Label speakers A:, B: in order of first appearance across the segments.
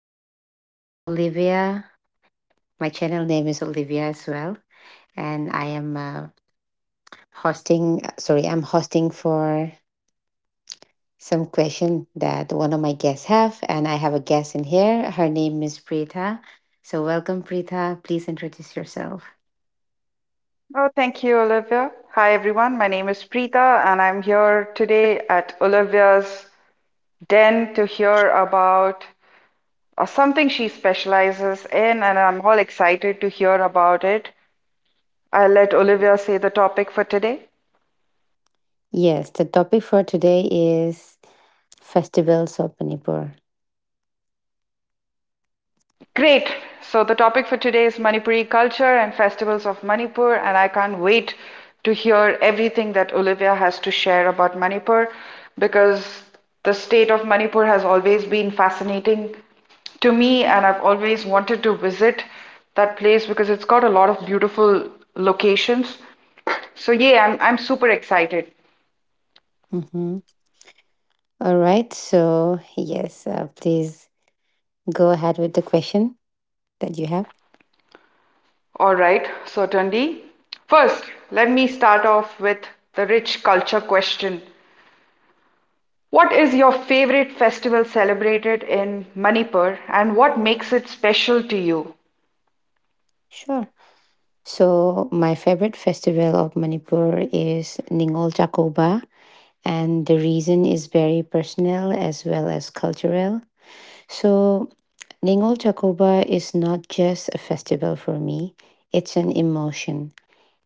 A: So, my name is Olivia. My channel name is Olivia as well, and I am hosting. Sorry, I'm hosting for some question that one of my guests have, and I have a guest in here. Her name is Preeta. So, welcome, Preeta. Please introduce yourself.
B: Oh, thank you, Olivia. Hi, everyone. My name is Preeta, and I'm here today at Olivia's den to hear about something she specializes in, and I'm all excited to hear about it. I'll let Olivia say the topic for today.
A: Yes, the topic for today is festivals of Manipur.
B: Great. So the topic for today is Manipuri culture and festivals of Manipur, and I can't wait to hear everything that Olivia has to share about Manipur because the state of Manipur has always been fascinating to me, and I've always wanted to visit that place because it's got a lot of beautiful locations. So yeah, I'm super excited.
A: Mhm. All right. So yes, please go ahead with the question that you have.
B: All right, so Tandi, first let me start off with the rich culture question. What is your favorite festival celebrated in Manipur and what makes it special to you?
A: Sure. So, my favorite festival of Manipur is Ningol Jakoba, and the reason is very personal as well as cultural. So, Ningol Jakoba is not just a festival for me, it's an emotion.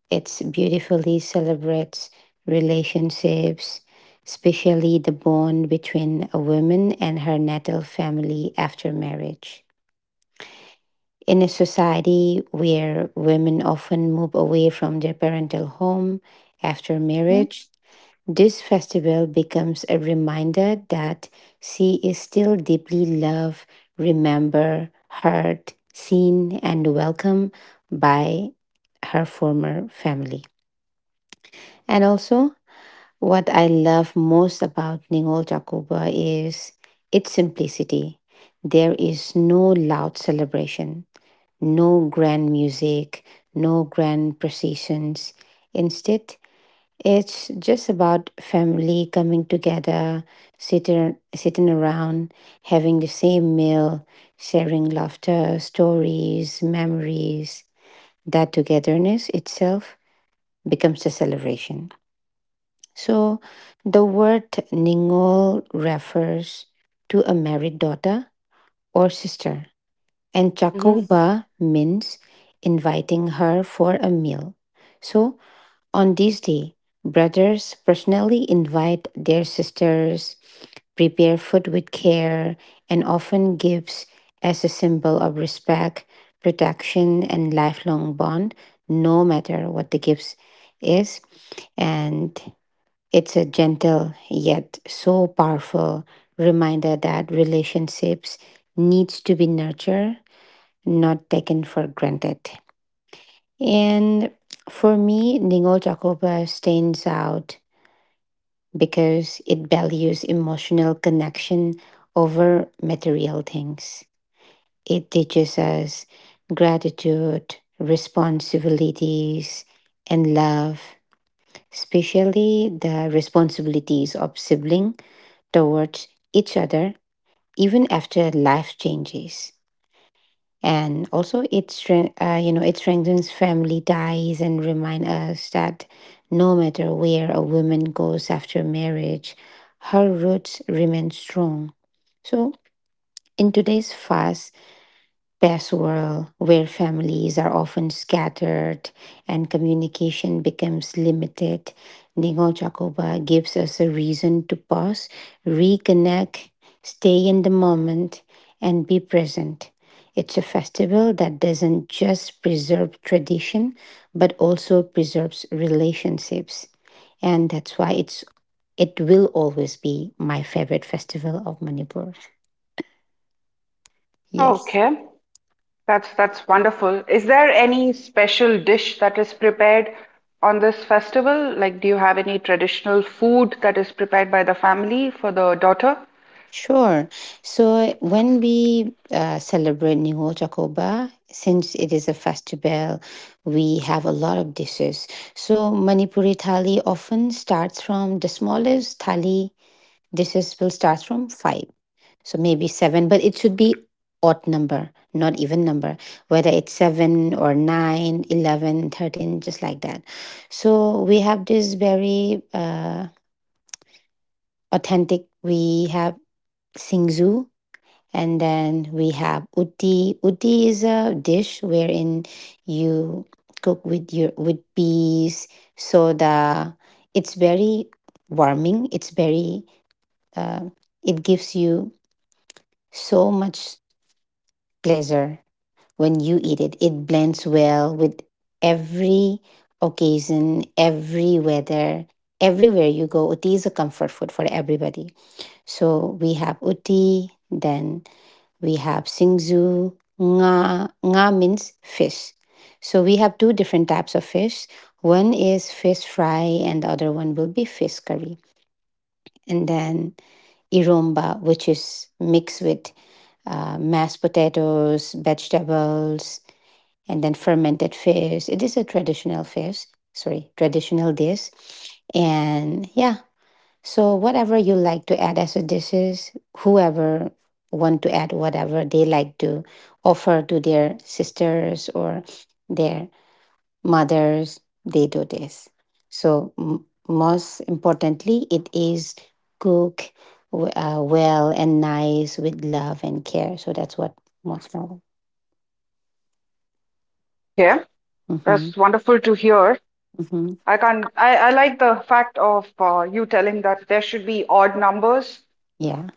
A: It's beautifully celebrates relationships, especially the bond between a woman and her natal family after marriage. In a society where women often move away from their parental home after marriage, this festival becomes a reminder that she is still deeply loved, remembered, heard, seen, and welcomed by her former family. And also, what I love most about Ningol Jakuba is its simplicity. There is no loud celebration, no grand music, no grand processions. Instead, it's just about family coming together, sitting around, having the same meal, sharing laughter, stories, memories. That togetherness itself becomes a celebration. So, the word Ningol refers to a married daughter or sister, and
B: Mm-hmm.
A: Chakova means inviting her for a meal. So on this day, brothers personally invite their sisters, prepare food with care, and often gifts as a symbol of respect, protection, and lifelong bond, no matter what the gifts is. And it's a gentle yet so powerful reminder that relationships needs to be nurtured, not taken for granted. And for me, Ningo Jacoba stands out because it values emotional connection over material things. It teaches us gratitude, responsibilities, and love, especially the responsibilities of sibling towards each other, even after life changes. And also it strengthens family ties and remind us that no matter where a woman goes after marriage, her roots remain strong. So in today's fast, best world where families are often scattered and communication becomes limited, Ningol Chakoba gives us a reason to pause, reconnect, stay in the moment, and be present. It's a festival that doesn't just preserve tradition, but also preserves relationships. And that's why it will always be my favorite festival of Manipur. Yes.
B: Okay, that's wonderful. Is there any special dish that is prepared on this festival? Like, do you have any traditional food that is prepared by the family for the daughter?
A: Sure. So when we celebrate Nihol Chakoba, since it is a festival, we have a lot of dishes. So Manipuri thali often starts from the smallest thali dishes will start from five. So maybe seven, but it should be odd number, not even number, whether it's seven or nine, 11, 13, just like that. So we have this very authentic, we have singzu. And then we have utti. Utti is a dish wherein you cook with peas, soda. It's very warming. It's very. Uh, it gives you so much pleasure when you eat it. It blends well with every occasion, every weather, everywhere you go. Utti is a comfort food for everybody. So we have utti. Then we have singzu. Nga, nga means fish. So we have two different types of fish. One is fish fry, and the other one will be fish curry. And then iromba, which is mixed with mashed potatoes, vegetables, and then fermented fish. It is a traditional fish, sorry, traditional dish. And yeah, so whatever you like to add as a dishes, whoever want to add whatever they like to offer to their sisters or their mothers, they do this. So most importantly, it is cook well and nice with love and care. So that's what most matter.
B: Okay,
A: Mm-hmm.
B: that's wonderful to hear.
A: Mm-hmm.
B: I can't, I like the fact of you telling that there should be odd numbers
A: Yeah.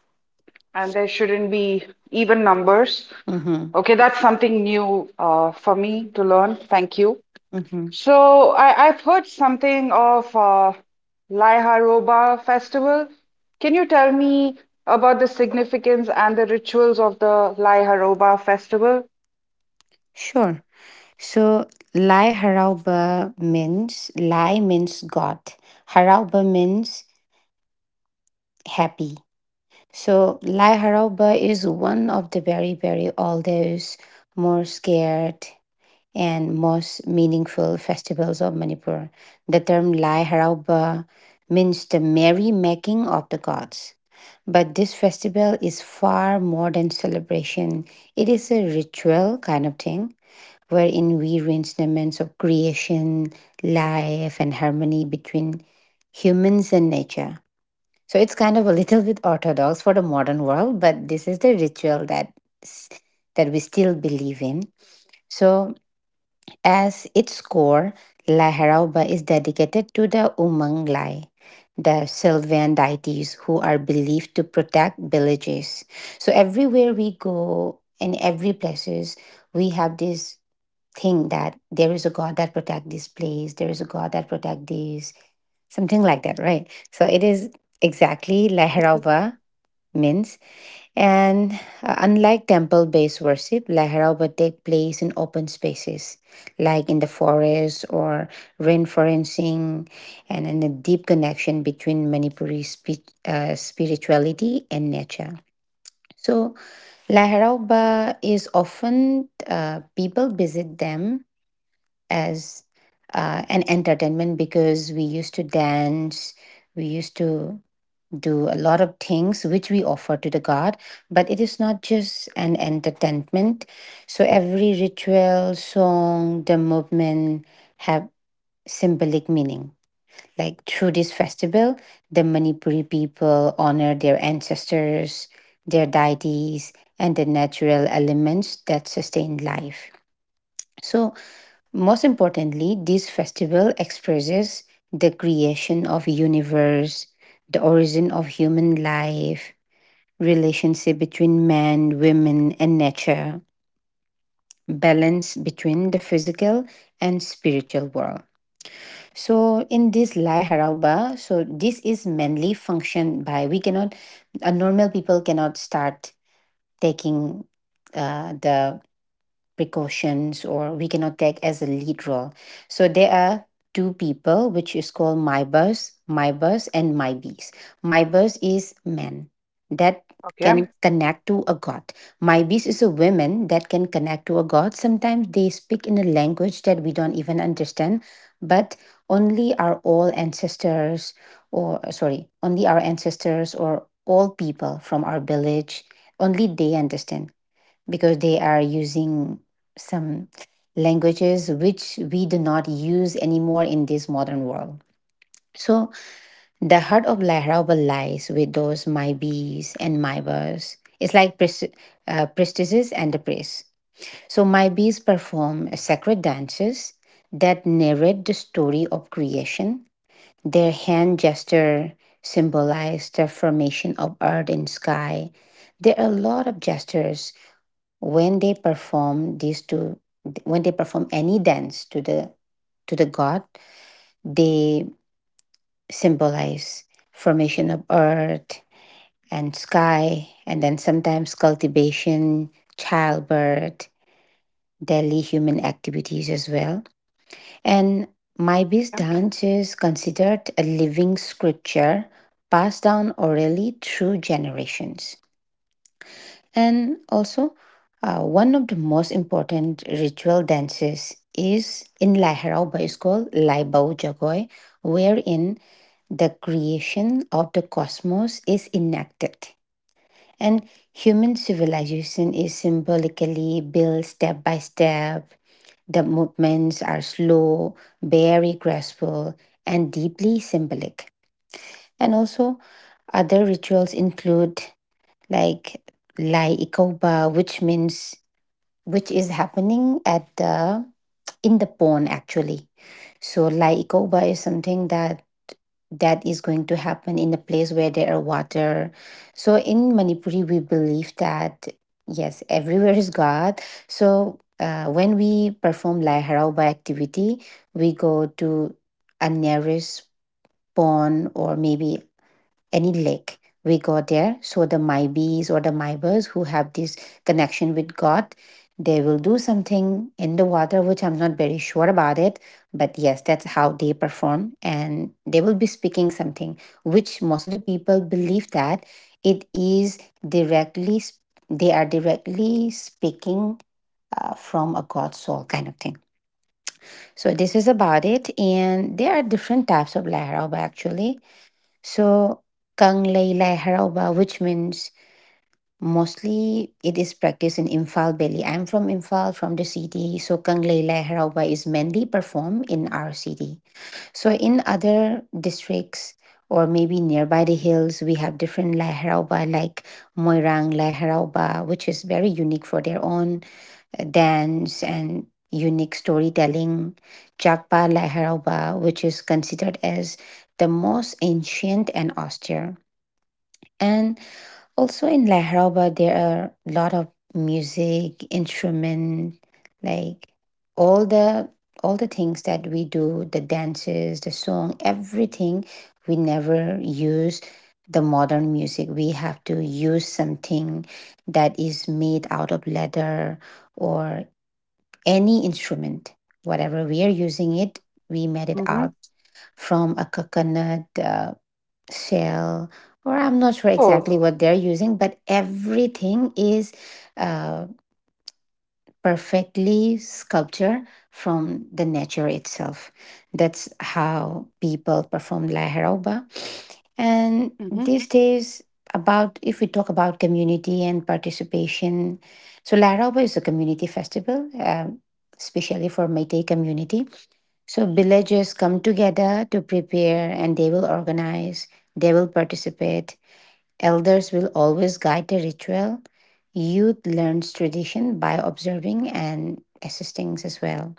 B: and there shouldn't be even numbers.
A: Mm-hmm.
B: Okay, that's something new for me to learn. Thank you.
A: Mm-hmm.
B: So I've heard something of Laiharoba festival. Can you tell me about the significance and the rituals of the Laiharoba festival?
A: Sure. So Lai Harauba means Lai means God. Harauba means happy. So Lai Harauba is one of the very, very oldest, more scared and most meaningful festivals of Manipur. The term Lai Harauba means the merry making of the gods. But this festival is far more than celebration. It is a ritual kind of thing wherein we range elements of creation, life, and harmony between humans and nature. So it's kind of a little bit orthodox for the modern world, but this is the ritual that s- that we still believe in. So as its core, La Harauba is dedicated to the Umang Lai, the Sylvan deities who are believed to protect villages. So everywhere we go in every places, we have this think that there is a God that protect this place, there is a God that protect this, something like that, right? So it is exactly Laharava means. And unlike temple-based worship, Laharava take place in open spaces, like in the forest or rainforesting, and in a deep connection between Manipuri spirituality and nature. So Laharava is often people visit them as an entertainment because we used to dance, we used to do a lot of things which we offer to the god, but it is not just an entertainment. So every ritual song, the movement have symbolic meaning. Like through this festival, the Manipuri people honor their ancestors, their
B: Mm-hmm.
A: deities, and the natural elements that sustain life. So most importantly, this festival expresses the creation of universe, the origin of human life, relationship between man, women and nature, balance between the physical and spiritual world. So in this Lai Harauba, so this is mainly functioned by we cannot a normal people cannot start taking the precautions, or we cannot take as a lead role. So there are two people which is called my boss and my bees. My boss is men that
B: Okay.
A: can connect to a god. My bees is a woman that can connect to a god. Sometimes they speak in a language that we don't even understand, but only our old ancestors, or sorry, only our ancestors or all people from our village, only they understand because they are using some languages which we do not use anymore in this modern world. So the heart of Lahrabal lies with those my bees and my birds. It's like priestesses and the priests. So my bees perform sacred dances that narrate the story of creation. Their hand gesture symbolize the formation of earth and sky. There are a lot of gestures when they perform these two when they perform any dance to the god, they symbolize formation of earth and sky, and then sometimes cultivation, childbirth, daily human activities as well. And Maibi's
B: Okay.
A: dance is considered a living scripture passed down orally through generations. And also, one of the most important ritual dances is in Laherao by is called Lai Bao Jagoy, wherein the creation of the cosmos is enacted. And human civilization is symbolically built step by step. The movements are slow, very graceful, and deeply symbolic. And also, other rituals include like Lai Ikoba, which means which is happening at the in the pond actually. So laikoba is something that is going to happen in a place where there are water. So in Manipuri, we believe that yes, everywhere is God. So when we perform laiharauba activity, we go to a nearest pond or maybe any lake. We go there so the maibis or the maibas who have this connection with god, they will do something in the water which I'm not very sure about it. But yes, that's how they perform, and they will be speaking something which most of the people believe that it is directly s- they are directly speaking from a god soul kind of thing. So this is about it, and there are different types of laharoba actually. So Kang Laila Haraoba, which means mostly it is practiced in Imphal Valley. I'm from Imphal, from the city. So Kang Laila Haraoba is mainly performed in our city. So in other districts or maybe nearby the hills, we have different Lai Haraoba like Moirang Lai Haraoba, which is very unique for their own dance and unique storytelling. Jakpa Lai Haraoba, which is considered as the most ancient and austere. And also in Lahraba, there are a lot of music, instrument, like all the all the things that we do, the dances, the song, everything. We never use the modern music. We have to use something that is made out of leather or any instrument. Whatever we are using it, we made it
B: Mm-hmm.
A: out from a coconut. Shell, or I'm not sure exactly
B: Oh.
A: what they're using, but everything is uh, perfectly sculpture from the nature itself. That's how people perform la Haroba. And
B: Mm-hmm.
A: these days, about if we talk about community and participation, so la Haroba is a community festival, especially for meitei community. So villagers come together to prepare, and they will organize, they will participate. Elders will always guide the ritual. Youth learns tradition by observing and assisting as well.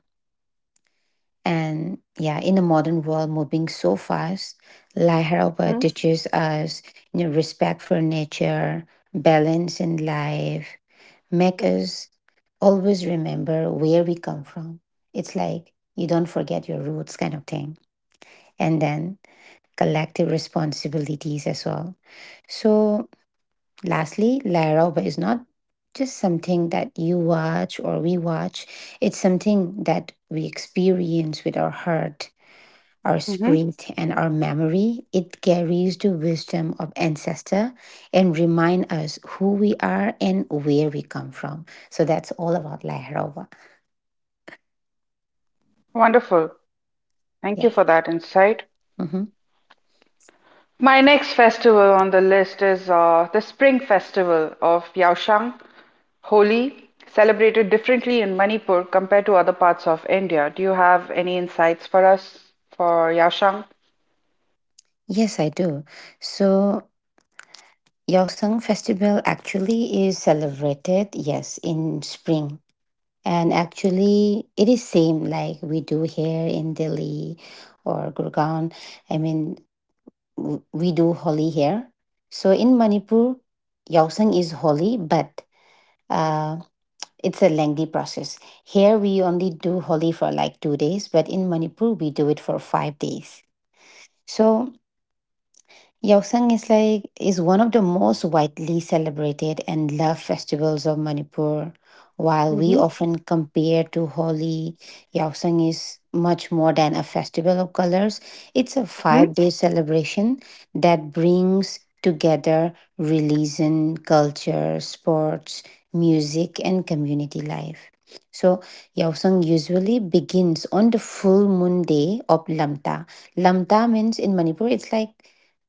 A: And yeah, in a modern world moving so fast, Laiharaba
B: Mm-hmm.
A: teaches us respect for nature, balance in life, make us always remember where we come from. It's like you don't forget your roots kind of thing. And then collective responsibilities as well. So lastly, La Roba is not just something that you watch or we watch, it's something that we experience with our heart, our
B: Mm-hmm.
A: spirit, and our memory. It carries the wisdom of ancestor and remind us who we are and where we come from. So that's all about La Roba.
B: Wonderful. Thank you
A: Yeah.
B: for that insight.
A: Hmm.
B: My next festival on the list is the Spring Festival of Yaoshang, Holi, celebrated differently in Manipur compared to other parts of India. Do you have any insights for us for Yaoshang?
A: Yes, I do. So Yaoseng Festival actually is celebrated, yes, in spring. And actually, it is same like we do here in Delhi or Gurgaon. I mean, we do Holi here. So in Manipur, Yaosang is Holi, but uh, it's a lengthy process. Here we only do Holi for like 2 days, but in Manipur we do it for 5 days. So Yaosang is like is one of the most widely celebrated and loved festivals of Manipur. While we
B: Mm-hmm.
A: often compare to Holi, Yaosang is much more than a festival of colors. It's a
B: Hmm.
A: five-day celebration that brings together religion, culture, sports, music, and community life. So, Yaosang usually begins on the full moon day of Lamta. Lamta means in Manipur, it's like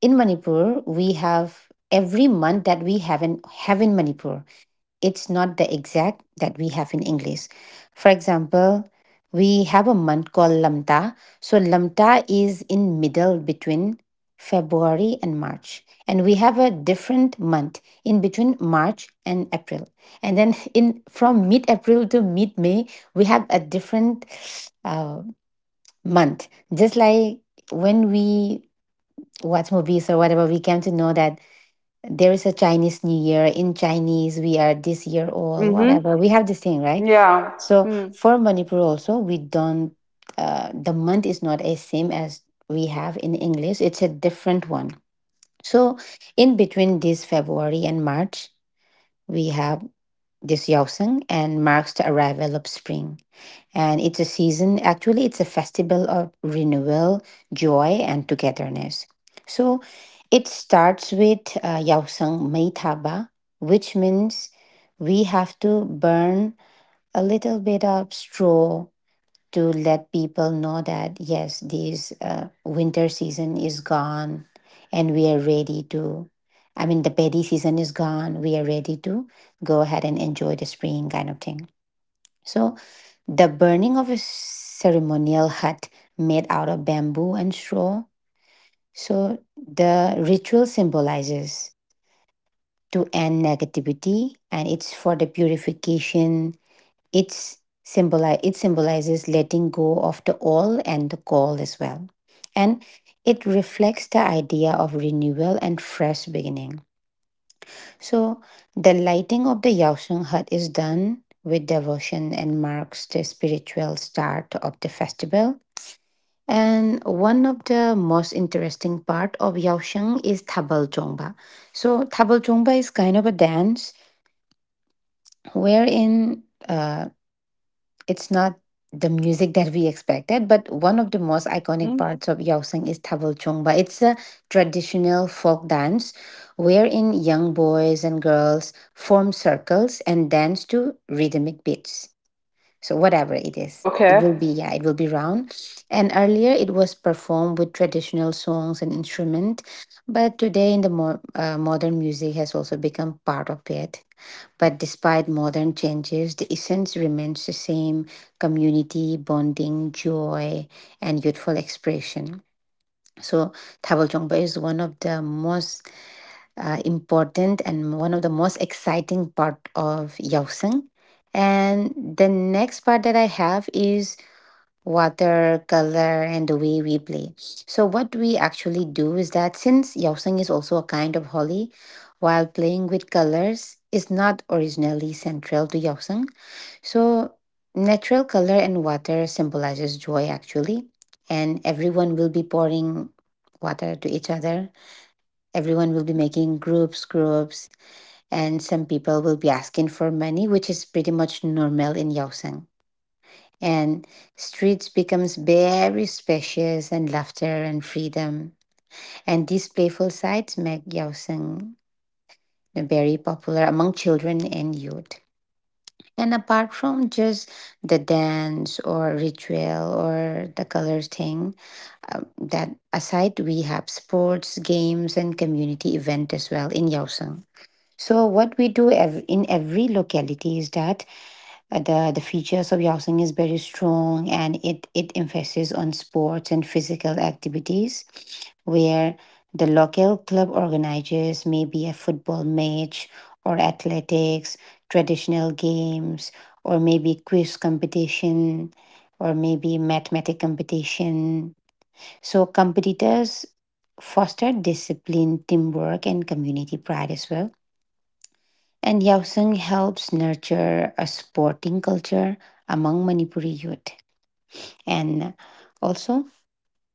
A: in Manipur, we have every month that we have in Manipur. It's not the exact that we have in English. For example, we have a month called Lamta. So Lamta is in middle between February and March. And we have a different month in between March and April. And then in
B: Hmm.
A: from mid-April to mid-May, we have a different uh, month. Just like when we watch movies or whatever, we came to know that there is a Chinese New Year. In Chinese, we are this year old,
B: Hmm.
A: whatever. We have this thing, right?
B: Yeah.
A: So
B: Hmm.
A: for Manipur also, we don't, the month is not as same as we have in English. It's a different one. So in between this February and March, we have this Yaoseng and marks the arrival of spring. And it's a season, actually, it's a festival of renewal, joy, and togetherness. So it starts with Yaosang Meithaba, which means we have to burn a little bit of straw to let people know that, yes, this winter season is gone and we are ready to. I mean, the berry season is gone. We are ready to go ahead and enjoy the spring kind of thing. So, the burning of a ceremonial hut made out of bamboo and straw. So, the ritual symbolizes to end negativity and it's for the purification. It's symbolizes letting go of the all and the call as well. And it reflects the idea of renewal and fresh beginning. So the lighting of the Yaosung hut is done with devotion and marks the spiritual start of the festival. And one of the most interesting part of Yaosheng is Tabal Zhongba. So Tabal Zhongba is kind of a dance wherein uh, it's not the music that we expected, but one of the most iconic
B: Mm-hmm.
A: parts of Yaoseng is Tabal Chongba. It's a traditional folk dance wherein young boys and girls form circles and dance to rhythmic beats. So whatever it
B: Oh,
A: is, it
B: okay.
A: will be yeah, it will be round. And earlier it was performed with traditional songs and instrument, but today in the more modern music has also become part of it. But despite modern changes, the essence remains the same community, bonding, joy, and youthful expression. So, Thabol Chongpa is one of the most important and one of the most exciting part of Yaoseng. And the next part that I have is water color and the way we play. So what we actually do is that since yaoseng is also a kind of holly, while playing with colors is not originally central to yaoseng, so natural color and water symbolizes joy actually, and everyone will be pouring water to each other. Everyone will be
B: Mm-hmm.
A: making groups, groups, and some people will be asking for money, which is pretty much normal in yaoseng, and streets becomes very spacious and laughter and freedom. And these playful sides make Yaosan very popular among children and youth. And apart from just the dance or ritual or the color thing, that aside, we have sports, games, and community event as well in Yaosan. So what we do in every locality is that the features of Yaosing is very strong, and it emphasizes on sports and physical activities, where the local club organizers maybe a football match or athletics, traditional games, or maybe quiz competition, or maybe mathematic competition. So competitors foster discipline, teamwork, and community pride as well, and Yaoseng helps nurture a sporting culture among Manipuri youth. And also,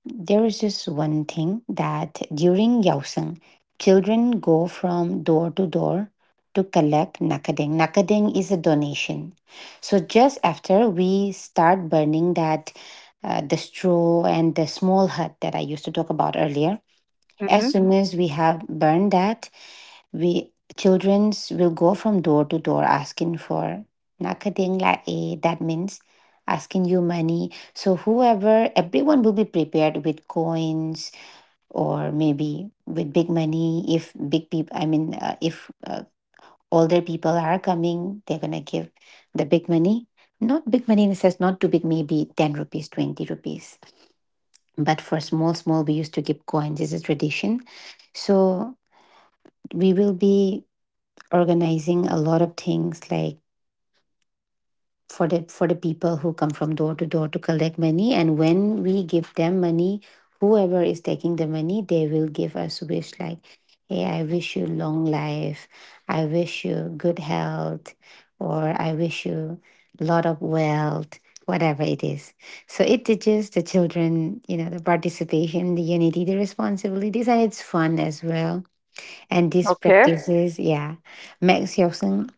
A: there is just one thing that during Yaoseng, children go from door to door to collect nakadeng. Nakadeng is a donation. So just after we start burning that the straw and the small hut that I used to talk about earlier, as
B: Hmm.
A: soon as we have burned that, we childrens will go from door to door asking for nakating la e. That means asking you money. So whoever, everyone will be prepared with coins or maybe with big money. If big people, I mean, if older people are coming, they're gonna give the big money. Not big money in the sense, not too big, maybe 10 rupees, 20 rupees. But for small, small, we used to give coins as a tradition. So we will be organizing a lot of things like for the people who come from door to door to collect money, and when we give them money, whoever is taking the money they will give us wish like, hey, I wish you long life, I wish you good health, or I wish you a lot of wealth, whatever it is. So it teaches the children, the participation, the unity, the responsibilities, and it's fun as well. And these
B: Okay.
A: practices, yeah, Max Yeltsin,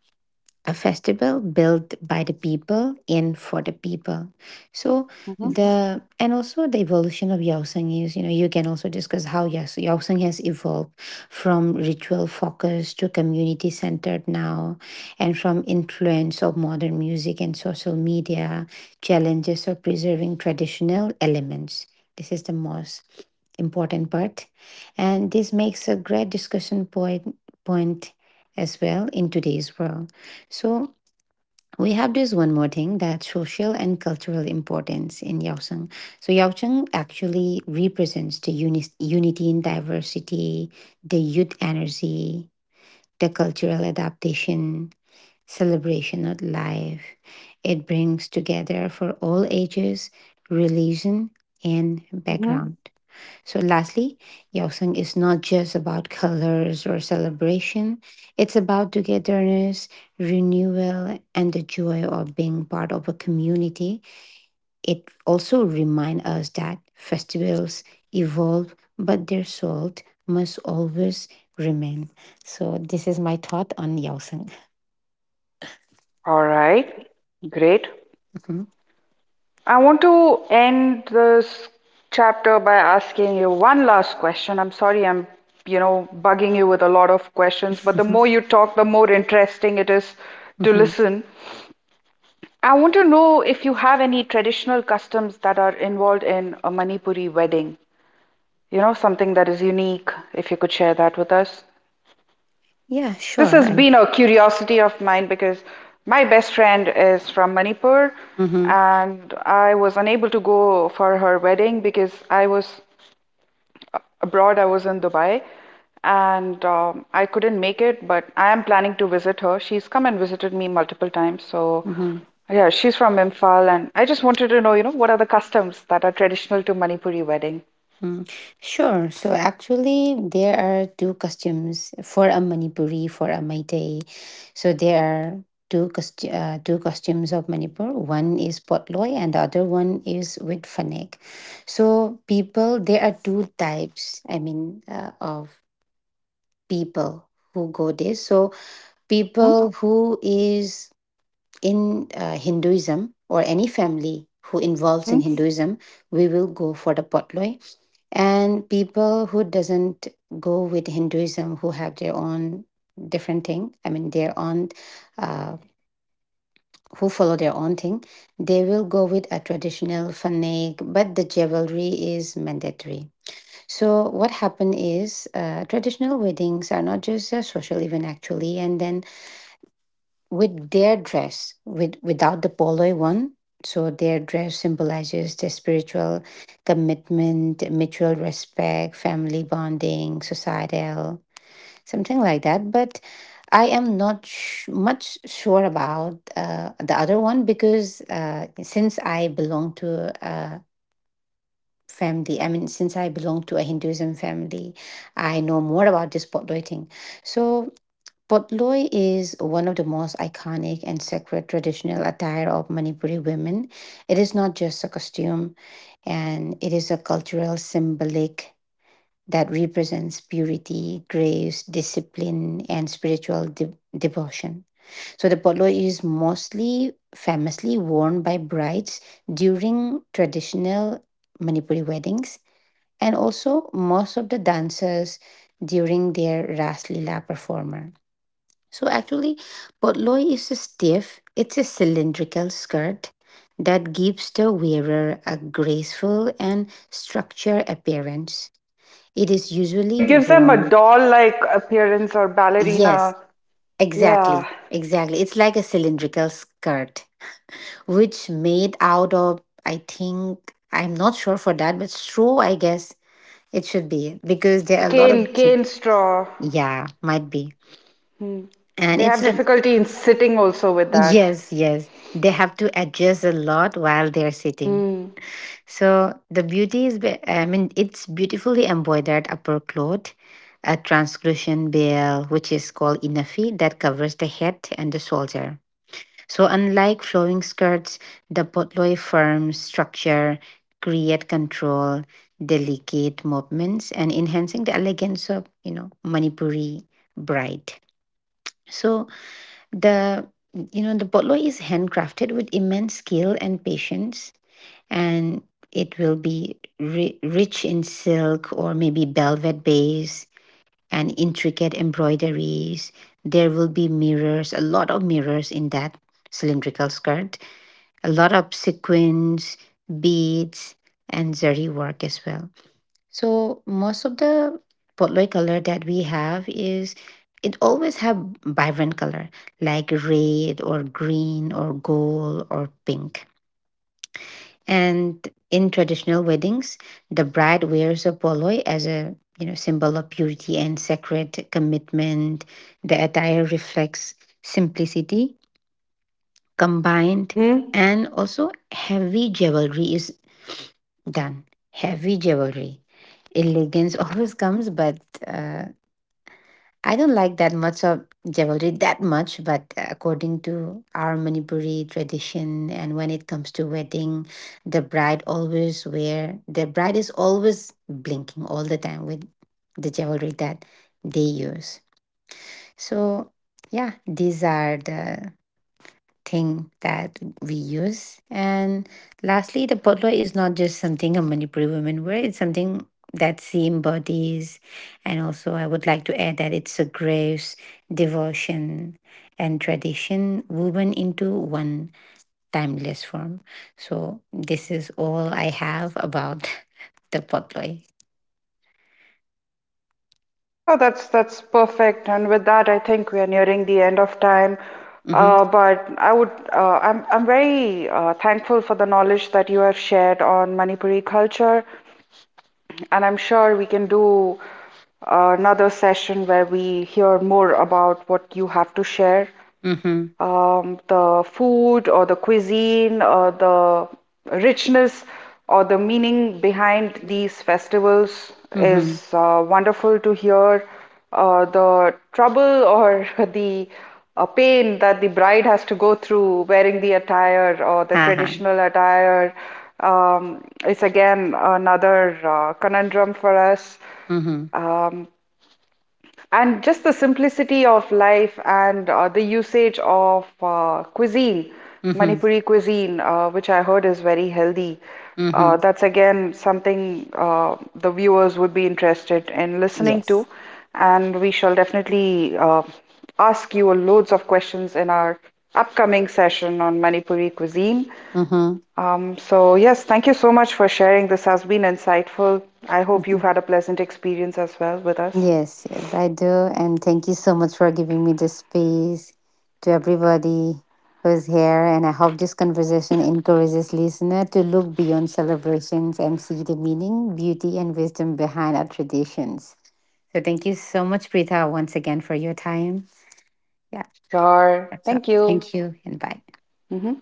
A: a festival built by the people and for the people. So
B: Mm-hmm.
A: the and also the evolution of Yaosang is, you can also discuss how Yaosang has evolved from ritual focused to community centered now, and from influence of modern music and social media, challenges of preserving traditional elements. This is the most important part, and this makes a great discussion point point as well in today's world. So we have this one more thing that social and cultural importance in Yaocheng. So Yaocheng actually represents the unity in diversity, the youth energy, the cultural adaptation, celebration of life. It brings together for all ages, religion, and
B: Hmm.
A: background. So, lastly, Yaoseng is not just about colors or celebration, it's about togetherness, renewal, and the joy of being part of a community. It also reminds us that festivals evolve, but their salt must always remain. So, this is my thought on Yaoseng.
B: All right. Great.
A: Mhm.
B: I want to end this chapter by asking you one last question. You know, bugging you with a lot of questions, but the more
A: Mhm.
B: you talk, the more interesting it is to
A: Mhm.
B: listen. I want to know if you have any traditional customs that are involved in a Manipuri wedding. You know, something that is unique, if you could share that with us.
A: Yeah,
B: This
A: sure.
B: has
A: I,
B: been a curiosity of mine because my best friend is from Manipur
A: mm-hmm.
B: and I was unable to go for her wedding because I was abroad, I was in Dubai and I couldn't make it, but I am planning to visit her. She's come and visited me multiple times. So, yeah, she's from Imphal and I just wanted to know, you know, what are the customs that are traditional to Manipuri wedding?
A: Mm, sure. So actually, there are two costumes for a Manipuri, for a Maitai. So there are two costumes of Manipur. One is potloi, and the other one is with fanek. So people, there are two types. I mean, of people who go there. So
B: Mm-hmm.
A: people who is in Hinduism or any family who involves in
B: Mm-hmm.
A: Hinduism, we will go for the potloi, and people who doesn't go with hinduism, who have their own different thing, I mean their own uh, who follow their own thing, they will go with a traditional fanak. But the jewelry is mandatory. So what happened is, traditional weddings are not just a social event actually, and then with their dress with without the polo one, so their dress symbolizes the spiritual commitment, mutual respect, family bonding, societal, something like that. But I am not much sure about the other one, because since I belong to a family, I mean since I belong to a hinduism family, I know more about this polo thing. So Potloi is one of the most iconic and sacred traditional attire of Manipuri women. It is not just a costume, and it is a cultural symbolic that represents purity, grace, discipline, and spiritual devotion. So the potloi is mostly famously worn by brides during traditional Manipuri weddings, and also most of the dancers during their Ras Lila performer. So actually, potloi is a stiff, it's a cylindrical skirt that gives the wearer a graceful and structured appearance. It is
B: Oh,
A: usually
B: it gives them a
A: worn.
B: doll-like appearance or
A: Yes,
B: ballerina.
A: exactly.
B: Yeah.
A: Exactly. It's like a cylindrical skirt, which made out of, I think, I'm not sure for that, but straw, I guess it should be, because
B: Yeah,
A: there
B: the
A: are a lot of.
B: cane straw.
A: Yeah, might be.
B: Hmm.
A: And
B: They
A: it's
B: have
A: a.
B: difficulty in sitting also with that.
A: Yes, yes. They have to adjust a lot while they're sitting.
B: Hmm.
A: So the beauty is, I mean, it's beautifully embroidered upper cloth, a translucent veil, which is called inafi, that covers the head and the shoulder. So unlike flowing skirts, the potloi firm structure create control, delicate movements, and enhancing the elegance of, you know, Manipuri bride. So the you know the botlo is handcrafted with immense skill and patience, and it will be rich in silk or maybe velvet base and intricate embroideries. There will be mirrors, a lot of mirrors in that cylindrical skirt, a lot of sequins, beads, and zari work as well. So most of the potloy color that we have is it always have vibrant color like red or green or gold or pink. And in traditional weddings, the bride wears a poloi as a, you know, symbol of purity and sacred commitment. The attire reflects simplicity combined,
B: Mm-hmm.
A: and also heavy jewelry is done. Heavy jewelry. Elegance always comes, but uh, I don't like that much of jewelry that much, but according to our Manipuri tradition, and when it comes to wedding, the bride always wear the bride is always blinking all the time with the jewelry that they use. So yeah, these are the thing that we use. And lastly, the potluck is not just something a Manipuri women wear, it's something that she embodies. And also, I would like to add that it's a grace, devotion, and tradition woven into one timeless form. So, this is all I have about the potluck.
B: Oh, that's perfect. And with that, I think we are nearing the end of time.
A: Mm-hmm.
B: But I would, I'm very thankful for the knowledge that you have shared on Manipuri culture, and I'm sure we can do another session where we hear more about what you have to share.
A: Mm-hmm.
B: Um, the food or the cuisine or the richness or the meaning behind these festivals is
A: Mm-hmm.
B: wonderful to hear the trouble or the pain that the bride has to go through wearing the attire or the
A: Ha ha.
B: traditional attire. It's again another conundrum for us.
A: Mm-hmm.
B: Um, and just the simplicity of life and the usage of cuisine,
A: Mm-hmm.
B: Manipuri cuisine, which I heard is very healthy.
A: Mm-hmm.
B: That's again something the viewers would be interested in listening to.
A: Yes.
B: And we shall definitely ask you loads of questions in our upcoming session on Manipuri cuisine.
A: Mm-hmm.
B: So, yes, thank you so much for sharing. This has been insightful. I hope you've had a pleasant experience as well with us.
A: Yes, yes, I do. And thank you so much for giving me this space, to everybody who's here. And I hope this conversation encourages listener to look beyond celebrations and see the meaning, beauty, and wisdom behind our traditions. So thank you so much, Prita, once again for your time. Yeah,
B: Sure.
A: that's all.
B: Thank you.
A: Thank you and bye.
B: Mhm.